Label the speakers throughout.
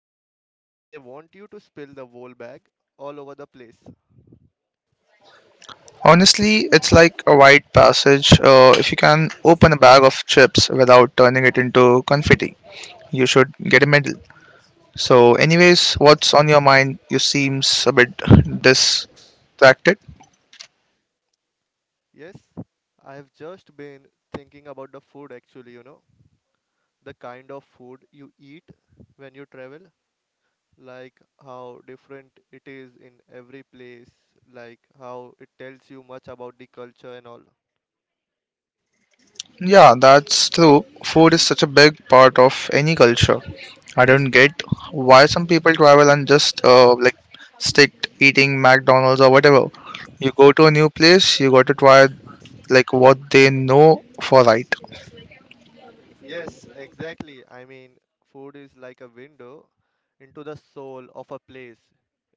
Speaker 1: It's like they want you to spill the whole bag all over the place.
Speaker 2: Honestly, it's like a rite passage. If you can open a bag of chips without turning it into confetti, you should get a medal. So, anyways, what's on your mind? You seems a bit distracted.
Speaker 1: Yes, I have just been thinking about the food actually, the kind of food you eat when you travel, like how different it is in every place, like how it tells you much about the culture and all.
Speaker 2: Yeah, that's true. Food is such a big part of any culture. I don't get why some people travel and just like stick to eating McDonald's or whatever. You go to a new place, you got to try like what they know for right.
Speaker 1: Yes, exactly. I mean, food is like a window into the soul of a place.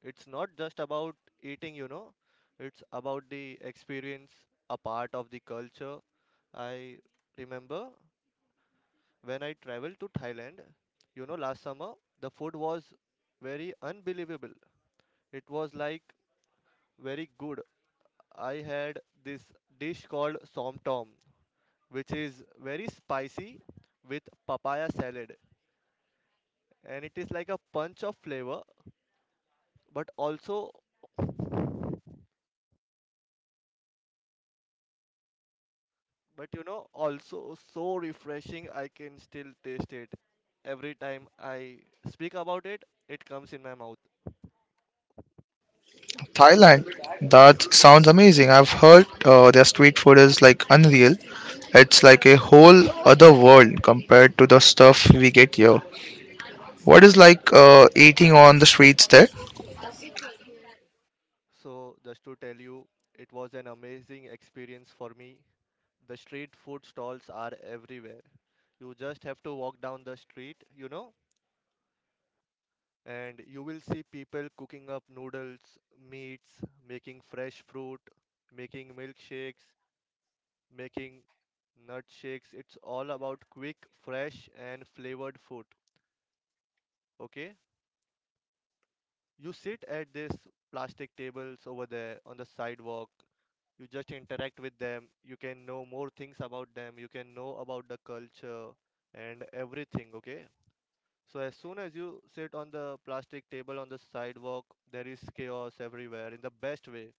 Speaker 1: It's not just about eating, it's about the experience, a part of the culture. I remember when I traveled to Thailand, you know, last summer. The food was very unbelievable. It was like very good. I had this dish called somtom, which is very spicy with papaya salad, and it is like a punch of flavor, but also, but also so refreshing. I can still taste it every time I speak about it. It comes in my mouth.
Speaker 2: Thailand. That sounds amazing. I've heard their street food is like unreal. It's like a whole other world compared to the stuff we get here. What is like eating on the streets there?
Speaker 1: So just to tell you, it was an amazing experience for me. The street food stalls are everywhere. You just have to walk down the street, you know, and you will see people cooking up noodles, meats, making fresh fruit, making milkshakes, making nut shakes. It's all about quick, fresh, and flavored food. Okay? You sit at these plastic tables over there on the sidewalk. You just interact with them. You can know more things about them. You can know about the culture and everything. Okay? So as soon as you sit on the plastic table on the sidewalk, there is chaos everywhere in the best way.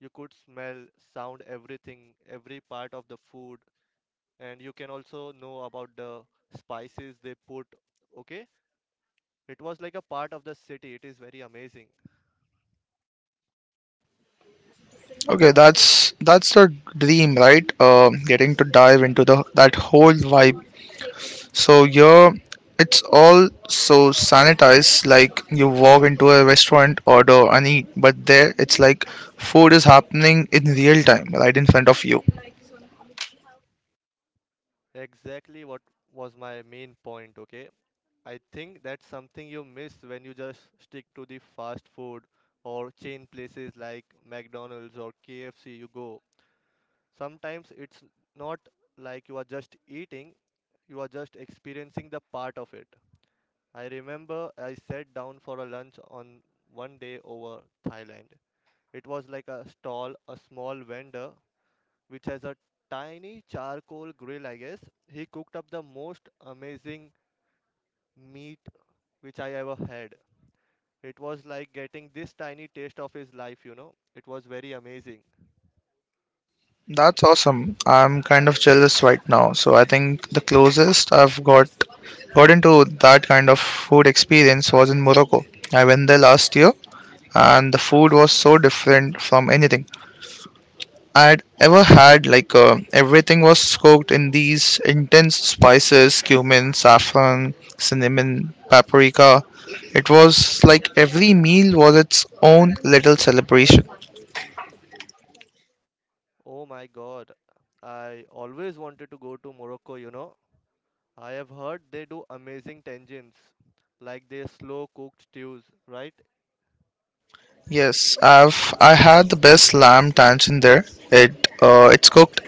Speaker 1: You could smell, sound everything, every part of the food, and you can also know about the spices they put. Okay? It was like a part of the city. It is very amazing.
Speaker 2: Okay, that's the dream, right? Getting to dive into the that whole vibe. So here, it's all so sanitized. Like you walk into a restaurant, order and eat, but there it's like food is happening in real time, right in front of you.
Speaker 1: Exactly what was my main point, okay? I think that's something you miss when you just stick to the fast food or chain places like McDonald's or KFC you go. Sometimes it's not like you are just eating, you are just experiencing the part of it. I remember I sat down for a lunch on one day over Thailand. It was like a stall, a small vendor which has a tiny charcoal grill, I guess. He cooked up the most amazing meat which I ever had. It was like getting this tiny taste of his life, you know. It was very amazing.
Speaker 2: That's awesome. I'm kind of jealous right now. So I think the closest I've got into that kind of food experience was in Morocco. I went there last year and the food was so different from anything I had ever had. Like everything was cooked in these intense spices, cumin, saffron, cinnamon, paprika. It was like every meal was its own little celebration.
Speaker 1: Oh my god. I always wanted to go to Morocco, you know. I have heard they do amazing tangents, like their slow cooked stews, right?
Speaker 2: Yes, I had the best lamb tanchen there. It's cooked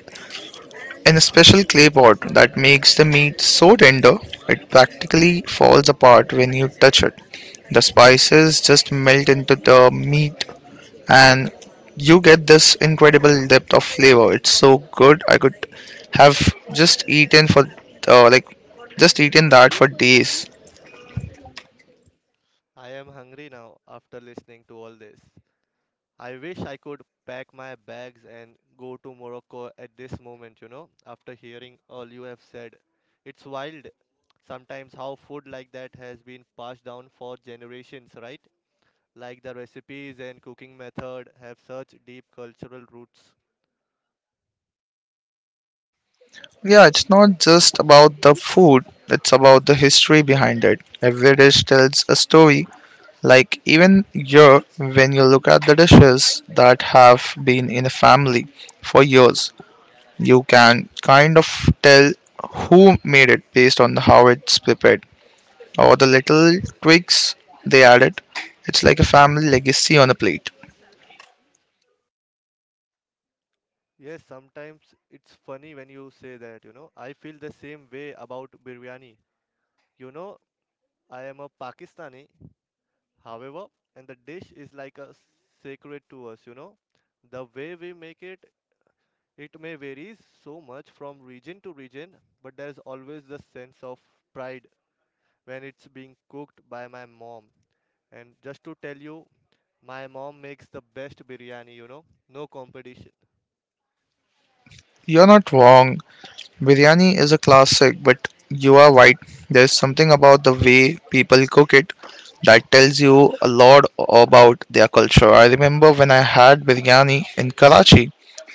Speaker 2: in a special clay pot that makes the meat so tender it practically falls apart when you touch it. The spices just melt into the meat and you get this incredible depth of flavor. It's so good. I could have just eaten for uh, like just eaten that for days.
Speaker 1: I am hungry now after listening to all this. I wish I could pack my bags and go to Morocco at this moment, you know, after hearing all you have said. It's wild sometimes how food like that has been passed down for generations, right? Like the recipes and cooking method have such deep cultural roots.
Speaker 2: Yeah, it's not just about the food, it's about the history behind it. Every dish tells a story. Like, even here, when you look at the dishes that have been in a family for years, you can kind of tell who made it based on how it's prepared or the little tweaks they added. It's like a family legacy on a plate.
Speaker 1: Yes, sometimes it's funny when you say that, you know. I feel the same way about biryani. You know, I am a Pakistani, however, and the dish is like a sacred to us, you know. The way we make it, it may varies so much from region to region, but there's always the sense of pride when it's being cooked by my mom. And just to tell you, my mom makes the best biryani, you know, no competition.
Speaker 2: You're not wrong. Biryani is a classic, but you are right. There's something about the way people cook it that tells you a lot about their culture. I remember when I had biryani in Karachi,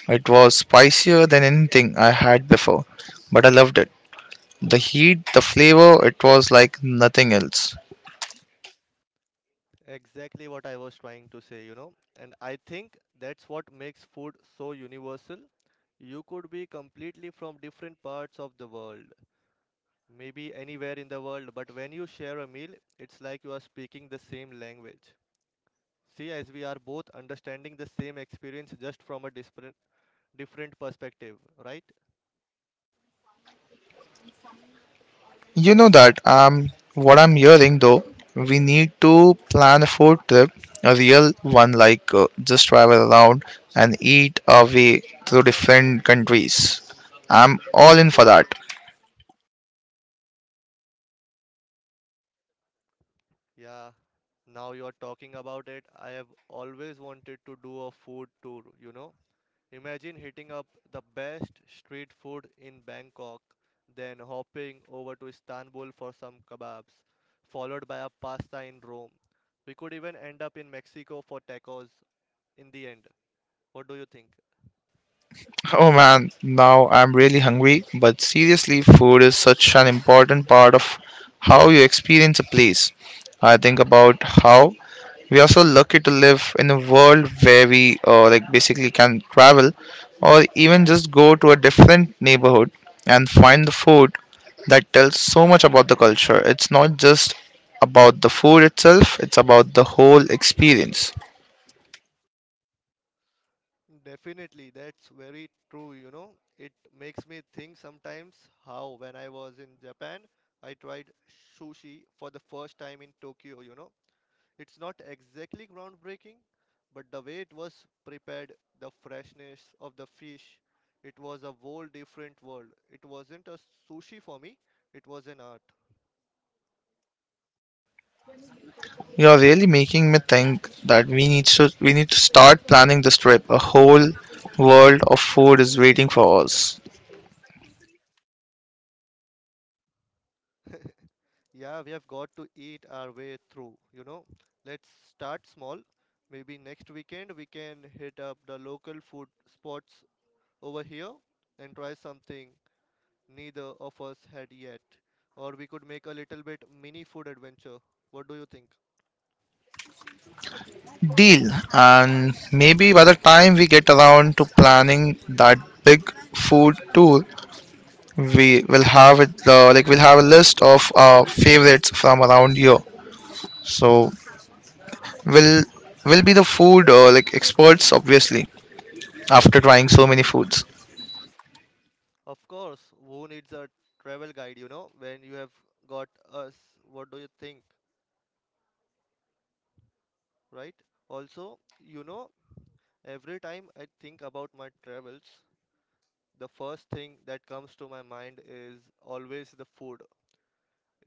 Speaker 2: it was spicier than anything I had before, but I loved it. The heat, the flavor, it was like nothing else.
Speaker 1: Exactly what I was trying to say, you know. And I think that's what makes food so universal. You could be completely from different parts of the world, maybe anywhere in the world, but when you share a meal, it's like you are speaking the same language. See, as we are both understanding the same experience just from a different perspective, right?
Speaker 2: You know that what I'm hearing though, we need to plan a food trip, a real one like just travel around and eat our way through different countries. I'm all in for that.
Speaker 1: Yeah. Now you are talking about it. I have always wanted to do a food tour, you know. Imagine hitting up the best street food in Bangkok, then hopping over to Istanbul for some kebabs, followed by a pasta in Rome. We could even end up in Mexico for tacos in the end. What do you think?
Speaker 2: Oh man, now I'm really hungry. But seriously, food is such an important part of how you experience a place. I think about how we are so lucky to live in a world where we basically can travel or even just go to a different neighborhood and find the food that tells so much about the culture. It's not just about the food itself, it's about the whole experience.
Speaker 1: Definitely, that's very true. You know, it makes me think sometimes how when I was in Japan, I tried sushi for the first time in Tokyo, you know. It's not exactly groundbreaking, but the way it was prepared, the freshness of the fish, it was a whole different world. It wasn't a sushi for me, it was an art.
Speaker 2: You're really making me think that we need to start planning this trip. A whole world of food is waiting for us.
Speaker 1: Yeah, we have got to eat our way through, you know. Let's start small. Maybe next weekend we can hit up the local food spots over here and try something neither of us had yet. Or we could make a little bit mini food adventure. What do you think?
Speaker 2: Deal. And maybe by the time we get around to planning that big food tour, we will have it like we'll have a list of our favorites from around here. So we'll we'll be the food experts obviously after trying so many foods.
Speaker 1: Of course, who needs a travel guide, you know, when you have got us? What do you think, right? Also, you know, every time I think about my travels, the first thing that comes to my mind is always the food.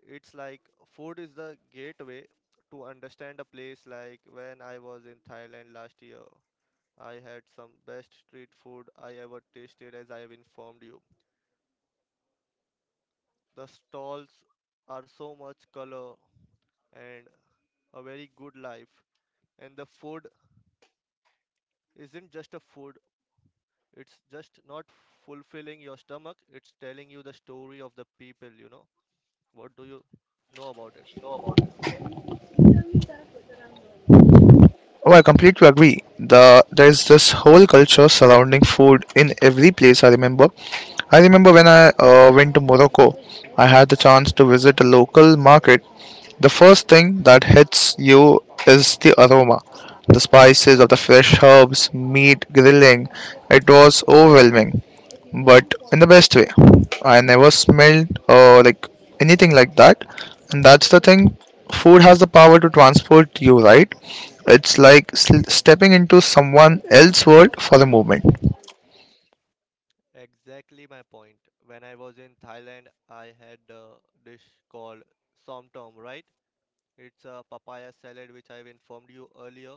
Speaker 1: It's like food is the gateway to understand a place, like when I was in Thailand last year. I had some best street food I ever tasted, as I have informed you. The stalls are so much color and a very good life, and the food isn't just a food, it's just not fulfilling your stomach, it's telling you the story of the people. You know what do you know about it?
Speaker 2: Oh, I completely agree. There is this whole culture surrounding food in every place. I remember when I went to Morocco, I had the chance to visit a local market. The first thing that hits you is the aroma. The spices of the fresh herbs, meat grilling. It was overwhelming, but in the best way. I never smelled anything like that. And that's the thing. Food has the power to transport you, right? It's like stepping into someone else's world for a moment.
Speaker 1: Exactly my point. When I was in Thailand, I had a dish called somtom, right? It's a papaya salad which I've informed you earlier.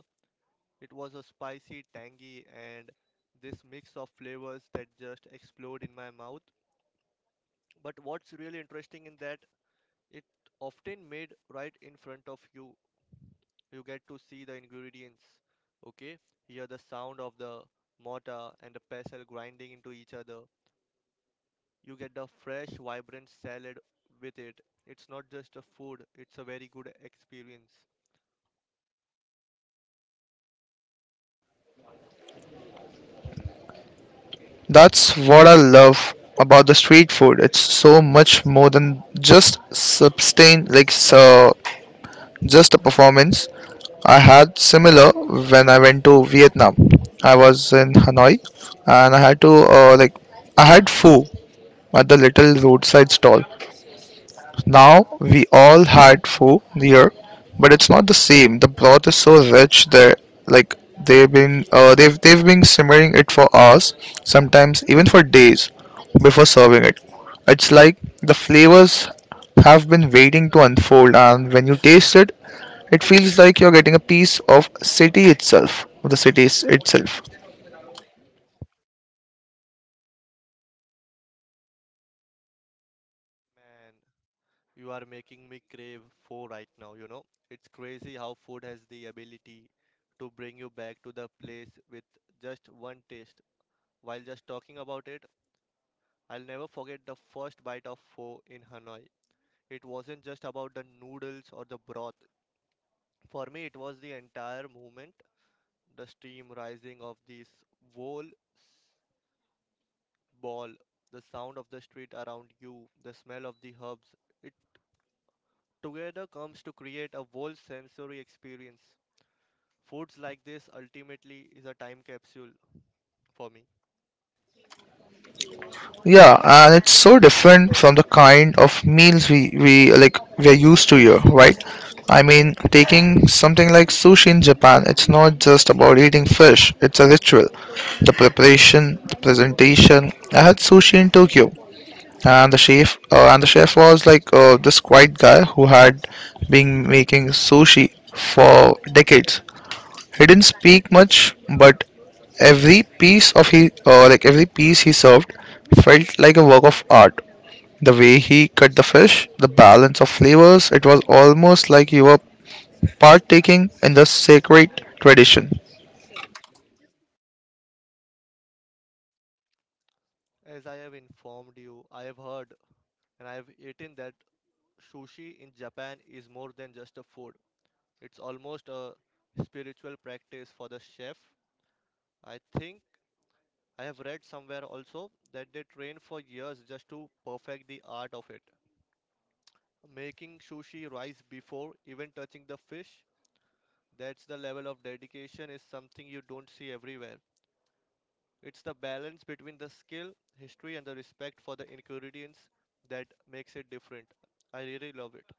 Speaker 1: It was a spicy, tangy, and this mix of flavors that just explode in my mouth. But what's really interesting in that, it often made right in front of you. You get to see the ingredients, okay? Hear the sound of the mortar and the pestle grinding into each other. You get the fresh, vibrant salad with it. It's not just a food, it's a very good experience.
Speaker 2: That's what I love about the street food. It's so much more than just sustain like so just a performance. I had similar when I went to Vietnam. I was in Hanoi and I had to uh, like I had pho at the little roadside stall. Now we all had pho here, but it's not the same. The broth is so rich there, like they've been simmering it for hours, sometimes even for days before serving it. It's like the flavors have been waiting to unfold, and when you taste it, it feels like you're getting a piece of the city itself.
Speaker 1: Man, you are making me crave four right now, you know? It's crazy how food has the ability to bring you back to the place with just one taste. While just talking about it, I'll never forget the first bite of pho in Hanoi. It wasn't just about the noodles or the broth. For me, it was the entire movement, the steam rising of this whole ball, the sound of the street around you, the smell of the herbs. It together comes to create a whole sensory experience. Foods like this ultimately is a time capsule for me.
Speaker 2: Yeah, and it's so different from the kind of meals we're used to here, right? I mean, taking something like sushi in Japan, it's not just about eating fish, it's a ritual. The preparation, the presentation. I had sushi in Tokyo, and the chef was like this quiet guy who had been making sushi for decades. He didn't speak much, but every piece he served felt like a work of art, the way he cut the fish, the balance of flavors. It was almost like you were partaking in the sacred tradition.
Speaker 1: As I have informed you, I have heard and I have eaten that sushi in Japan is more than just a food. It's almost a spiritual practice for the chef. I think I have read somewhere also that they train for years just to perfect the art of it. Making sushi rice before even touching the fish, that's the level of dedication is something you don't see everywhere. It's the balance between the skill, history, and the respect for the ingredients that makes it different. I really love it.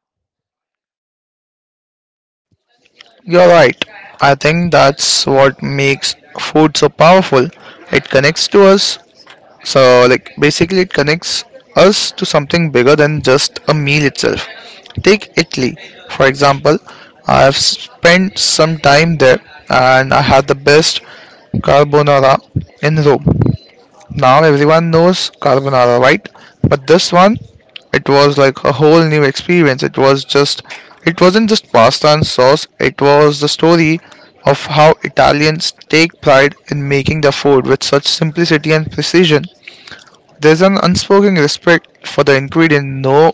Speaker 2: You're right. I think that's what makes food so powerful. It connects to us. So, like, basically, it connects us to something bigger than just a meal itself. Take Italy, for example. I have spent some time there and I had the best carbonara in Rome. Now everyone knows carbonara, right? But this one, it was like a whole new experience. It wasn't just pasta and sauce. It was the story of how Italians take pride in making their food with such simplicity and precision. There's an unspoken respect for the ingredient. No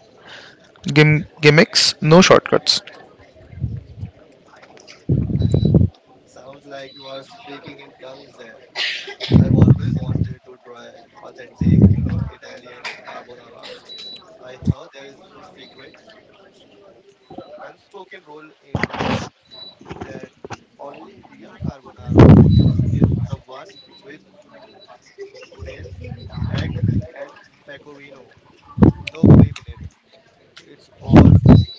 Speaker 2: gimmicks, no shortcuts.
Speaker 1: Sounds like you are speaking in tongues there. I've always wanted to try authentic, you know, Italian carbonara. I heard there is this secret, unspoken rule in Rome that only real carbonara is the one with gunelle, egg, and pecorino. No cream in it. It's all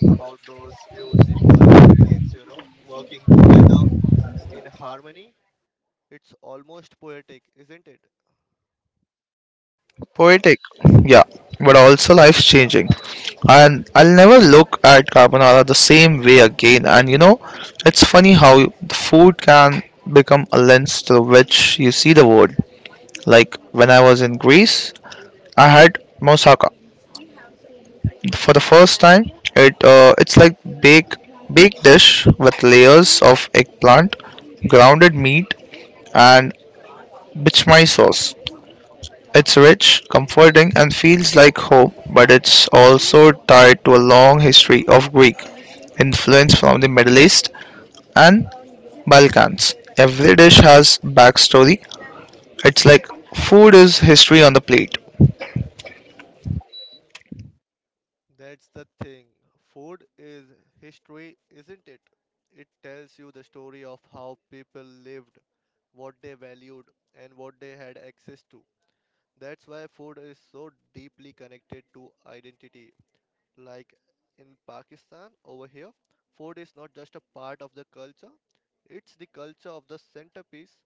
Speaker 1: about those few simple ingredients, you know, working together in harmony. It's almost poetic, isn't it?
Speaker 2: Poetic, yeah, but also life changing. And I'll never look at carbonara the same way again. And you know, it's funny how food can become a lens through which you see the world. Like when I was in Greece, I had moussaka for the first time. It's like baked dish with layers of eggplant, grounded meat, and bichmai sauce. It's rich, comforting, and feels like home, but it's also tied to a long history of Greek influence from the Middle East and Balkans. Every dish has backstory. It's like food is history on the plate.
Speaker 1: That's the thing. Food is history, isn't it? It tells you the story of how people lived, what they valued, and what they had access to. That's why food is so deeply connected to identity. Like in Pakistan, over here, food is not just a part of the culture, it's the culture of the centerpiece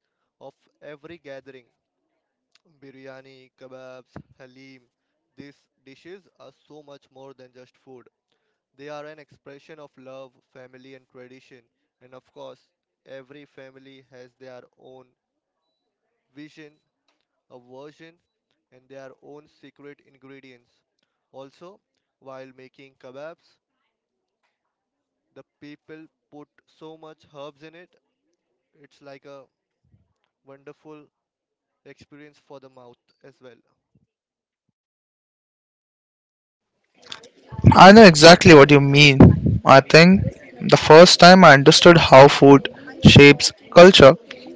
Speaker 1: of every gathering. Biryani, kebabs, halim, these dishes are so much more than just food. They are an expression of love, family, and tradition. And of course, every family has their own vision, a version, and their own secret ingredients. Also, while making kebabs, the people put so much herbs in it, it's like a wonderful experience for the mouth as well.
Speaker 2: I know exactly what you mean. I think the first time I understood how food shapes culture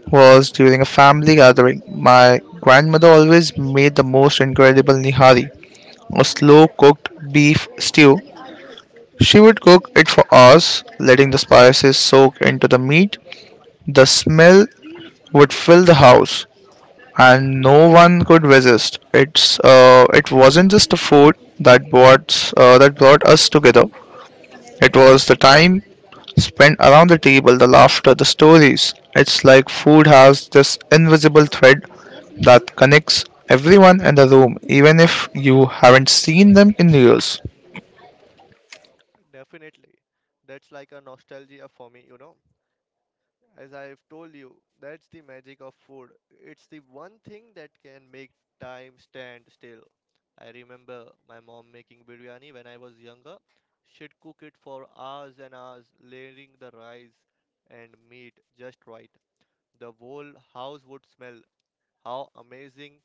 Speaker 2: was during a family gathering. My grandmother always made the most incredible nihari, a slow cooked beef stew. She would cook it for hours, letting the spices soak into the meat. The smell would fill the house, and no one could resist. It wasn't just the food that brought us together. It was the time spent around the table, the laughter, the stories. It's like food has this invisible thread that connects everyone in the room, even if you haven't seen them in years.
Speaker 1: Definitely. That's like a nostalgia for me, you know. As I've told you, that's the magic of food. It's the one thing that can make time stand still. I remember my mom making biryani when I was younger. She'd cook it for hours and hours, layering the rice and meat just right. The whole house would smell. How amazing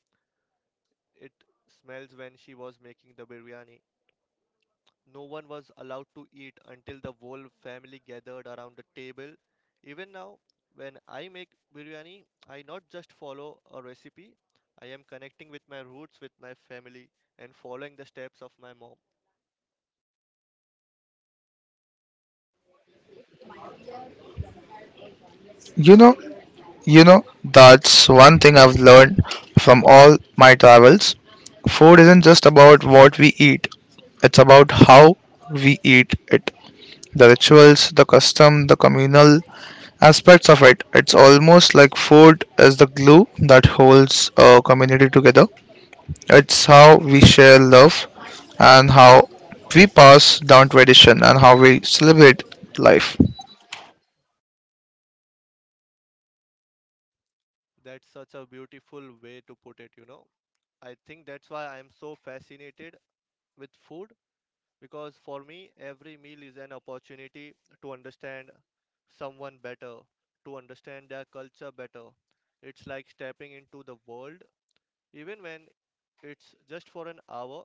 Speaker 1: it smells when she was making the biryani. No one was allowed to eat until the whole family gathered around the table. Even now, when I make biryani, I not just follow a recipe, I am connecting with my roots, with my family, and following the steps of my mom.
Speaker 2: You know, You know, that's one thing I've learned from all my travels. Food isn't just about what we eat, it's about how we eat it. The rituals, the custom, the communal aspects of it. It's almost like food is the glue that holds a community together. It's how we share love and how we pass down tradition and how we celebrate life.
Speaker 1: That's such a beautiful way to put it, you know. I think that's why I am so fascinated with food because for me, every meal is an opportunity to understand someone better, to understand their culture better. It's like stepping into the world, even when it's just for an hour,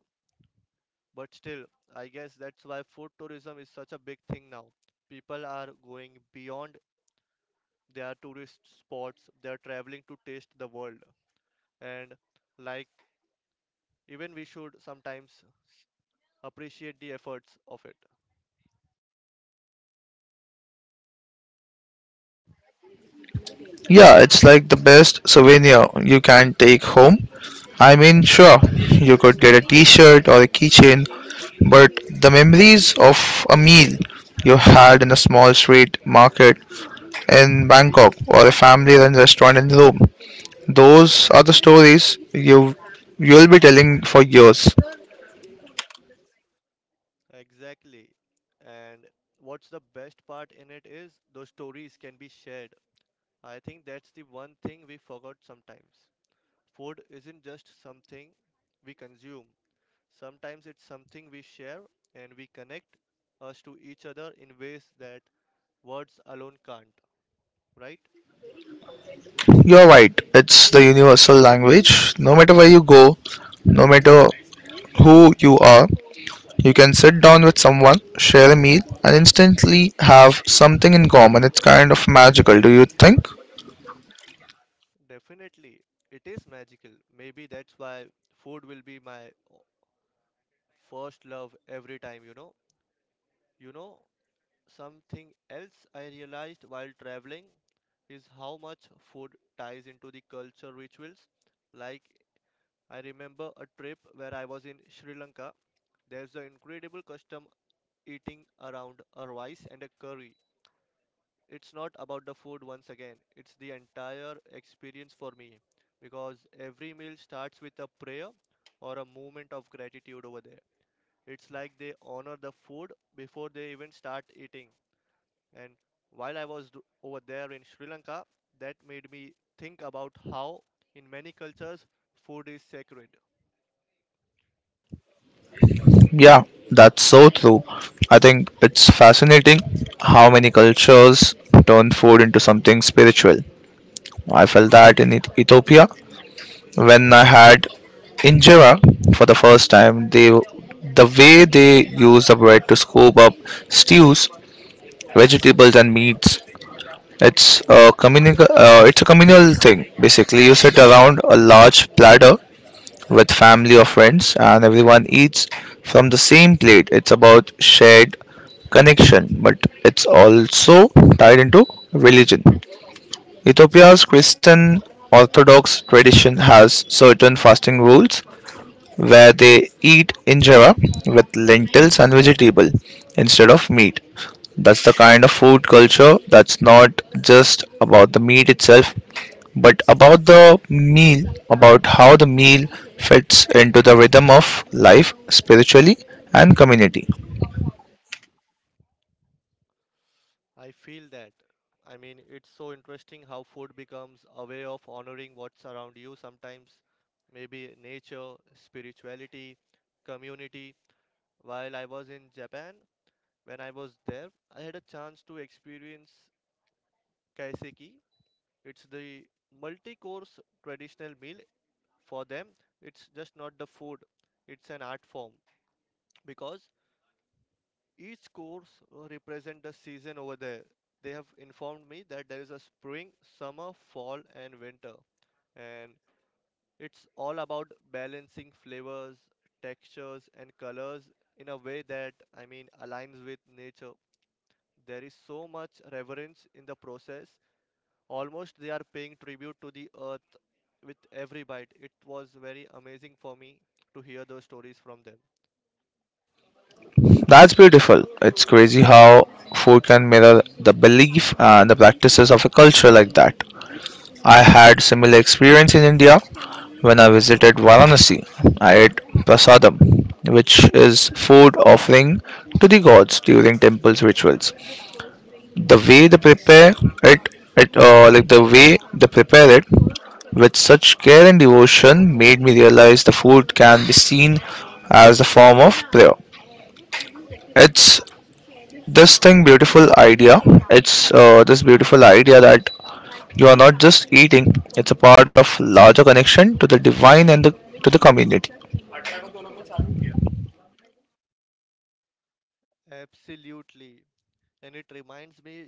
Speaker 1: but still, I guess that's why food tourism is such a big thing now. People are going beyond their tourist spots, they're traveling to taste the world. And like, even we should sometimes appreciate the efforts of it.
Speaker 2: Yeah, it's like the best souvenir you can take home. I mean, sure, you could get a t shirt or a keychain, but the memories of a meal you had in a small street market in Bangkok or a family run restaurant in Rome, those are the stories you'll be telling for years.
Speaker 1: Exactly. And what's the best part in it is those stories can be shared. I think that's the one thing we forgot sometimes. Food isn't just something we consume, sometimes it's something we share and we connect us to each other in ways that words alone can't, right?
Speaker 2: You're right, it's the universal language. No matter where you go, no matter who you are, you can sit down with someone, share a meal, and instantly have something in common. It's kind of magical, do you think?
Speaker 1: Definitely. It is magical. Maybe that's why food will be my first love every time, you know. You know, something else I realized while traveling is how much food ties into the culture rituals. Like, I remember a trip where I was in Sri Lanka. There's the incredible custom eating around a rice and a curry. It's not about the food once again, it's the entire experience for me because every meal starts with a prayer or a moment of gratitude over there. It's like they honor the food before they even start eating. And while I was do- over there in Sri Lanka, that made me think about how, in many cultures, food is sacred.
Speaker 2: Yeah, that's so true. I think it's fascinating how many cultures turn food into something spiritual. I felt that in Ethiopia when I had injera for the first time. The way they use the bread to scoop up stews, vegetables, and meats. It's a communal thing. Basically, you sit around a large platter with family or friends, and everyone eats from the same plate. It's about shared connection, but it's also tied into religion. Ethiopia's Christian Orthodox tradition has certain fasting rules where they eat injera with lentils and vegetable instead of meat. That's the kind of food culture that's not just about the meat itself, but about the meal, about how the meal fits into the rhythm of life spiritually and community.
Speaker 1: I feel that. I mean, it's so interesting how food becomes a way of honoring what's around you sometimes, maybe nature, spirituality, community. While I was in Japan, when I was there, I had a chance to experience kaiseki. It's the multi course traditional meal. For them, it's just not the food, it's an art form because each course represent the season over there. They have informed me that there is a spring, summer, fall, and winter, and it's all about balancing flavors, textures, and colors in a way that I mean aligns with nature. There is so much reverence in the process. Almost they are paying tribute to the earth with every bite. It was very amazing for me to hear those stories from them.
Speaker 2: That's beautiful. It's crazy how food can mirror the belief and the practices of a culture like that. I had similar experience in India when I visited Varanasi. I ate prasadam, which is food offering to the gods during temples rituals. The way it, the way they prepare it with such care and devotion made me realize the food can be seen as a form of prayer. It's this thing beautiful idea it's uh, this beautiful idea that you are not just eating, it's a part of larger connection to the divine and to the community.
Speaker 1: Absolutely. And it reminds me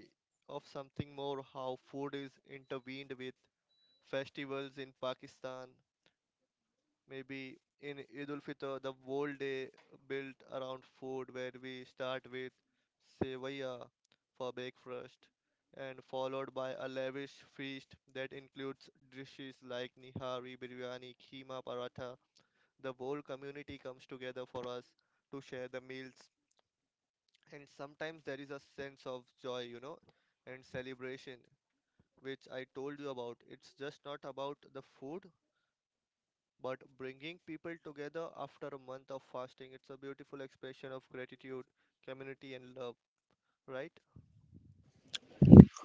Speaker 1: of something more how food is intervened with festivals in Pakistan. Maybe in Eid ul Fitr, the whole day built around food, where we start with sevaya for breakfast and followed by a lavish feast that includes dishes like nihari, biryani, keema, paratha. The whole community comes together for us to share the meals, and sometimes there is a sense of joy, you know, and celebration, which I told you about. It's just not about the food, but bringing people together after a month of fasting. It's a beautiful expression of gratitude, community, and love, right?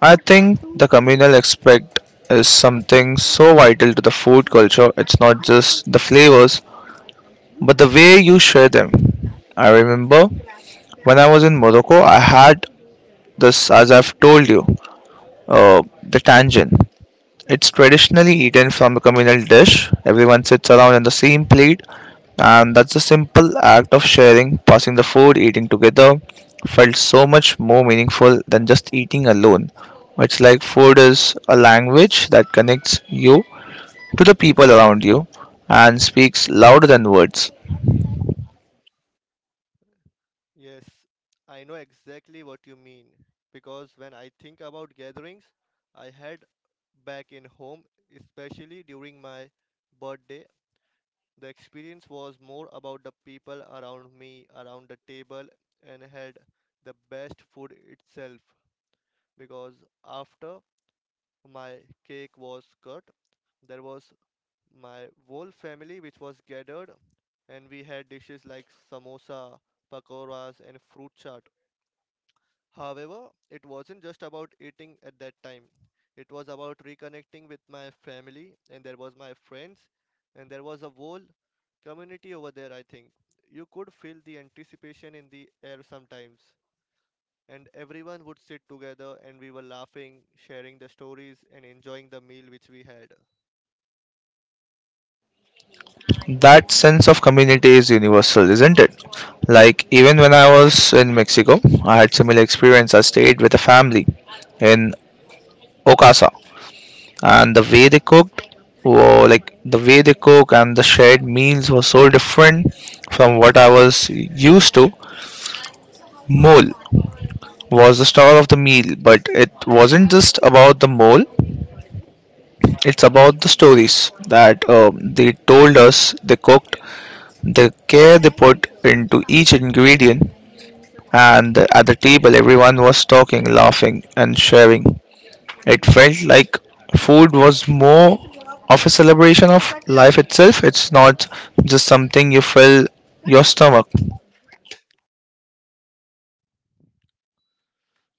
Speaker 2: I think the communal aspect is something so vital to the food culture. It's not just the flavors but the way you share them. I remember when I was in Morocco, I had this, as I've told you, the tangent. It's traditionally eaten from a communal dish. Everyone sits around on the same plate, and that's a simple act of sharing, passing the food, eating together, felt so much more meaningful than just eating alone. It's like food is a language that connects you to the people around you and speaks louder than words.
Speaker 1: Yes, I know exactly what you mean. Because when I think about gatherings I had back in home, especially during my birthday, the experience was more about the people around me, around the table, and had the best food itself. Because after my cake was cut, there was my whole family which was gathered, and we had dishes like samosa, pakoras, and fruit chaat. However, it wasn't just about eating at that time. It was about reconnecting with my family, and there was my friends, and there was a whole community over there, I think. You could feel the anticipation in the air sometimes. And everyone would sit together, and we were laughing, sharing the stories, and enjoying the meal which we had.
Speaker 2: That sense of community is universal, isn't it? Like even when I was in Mexico, I had similar experience. I stayed with a family in Ocasa, and the way they cook and the shared meals were so different from what I was used to. Mole was the star of the meal, but it wasn't just about the mole. It's about the stories that they told us, they cooked, the care they put into each ingredient, and at the table everyone was talking, laughing, and sharing. It felt like food was more of a celebration of life itself. It's not just something you fill your stomach.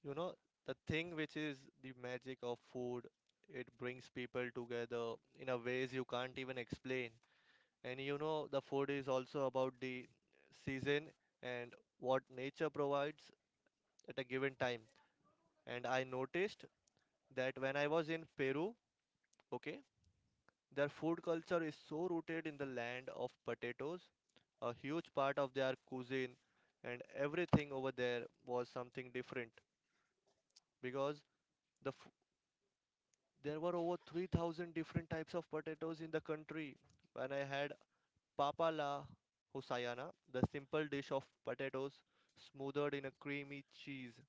Speaker 1: You know, the thing which is the magic of food, it brings people together in a ways you can't even explain. And you know, the food is also about the season and what nature provides at a given time. And I noticed that when I was in Peru, okay, their food culture is so rooted in the land of potatoes, a huge part of their cuisine, and everything over there was something different because the f- there were over 3,000 different types of potatoes in the country. When I had Papa La Husayana, the simple dish of potatoes smothered in a creamy cheese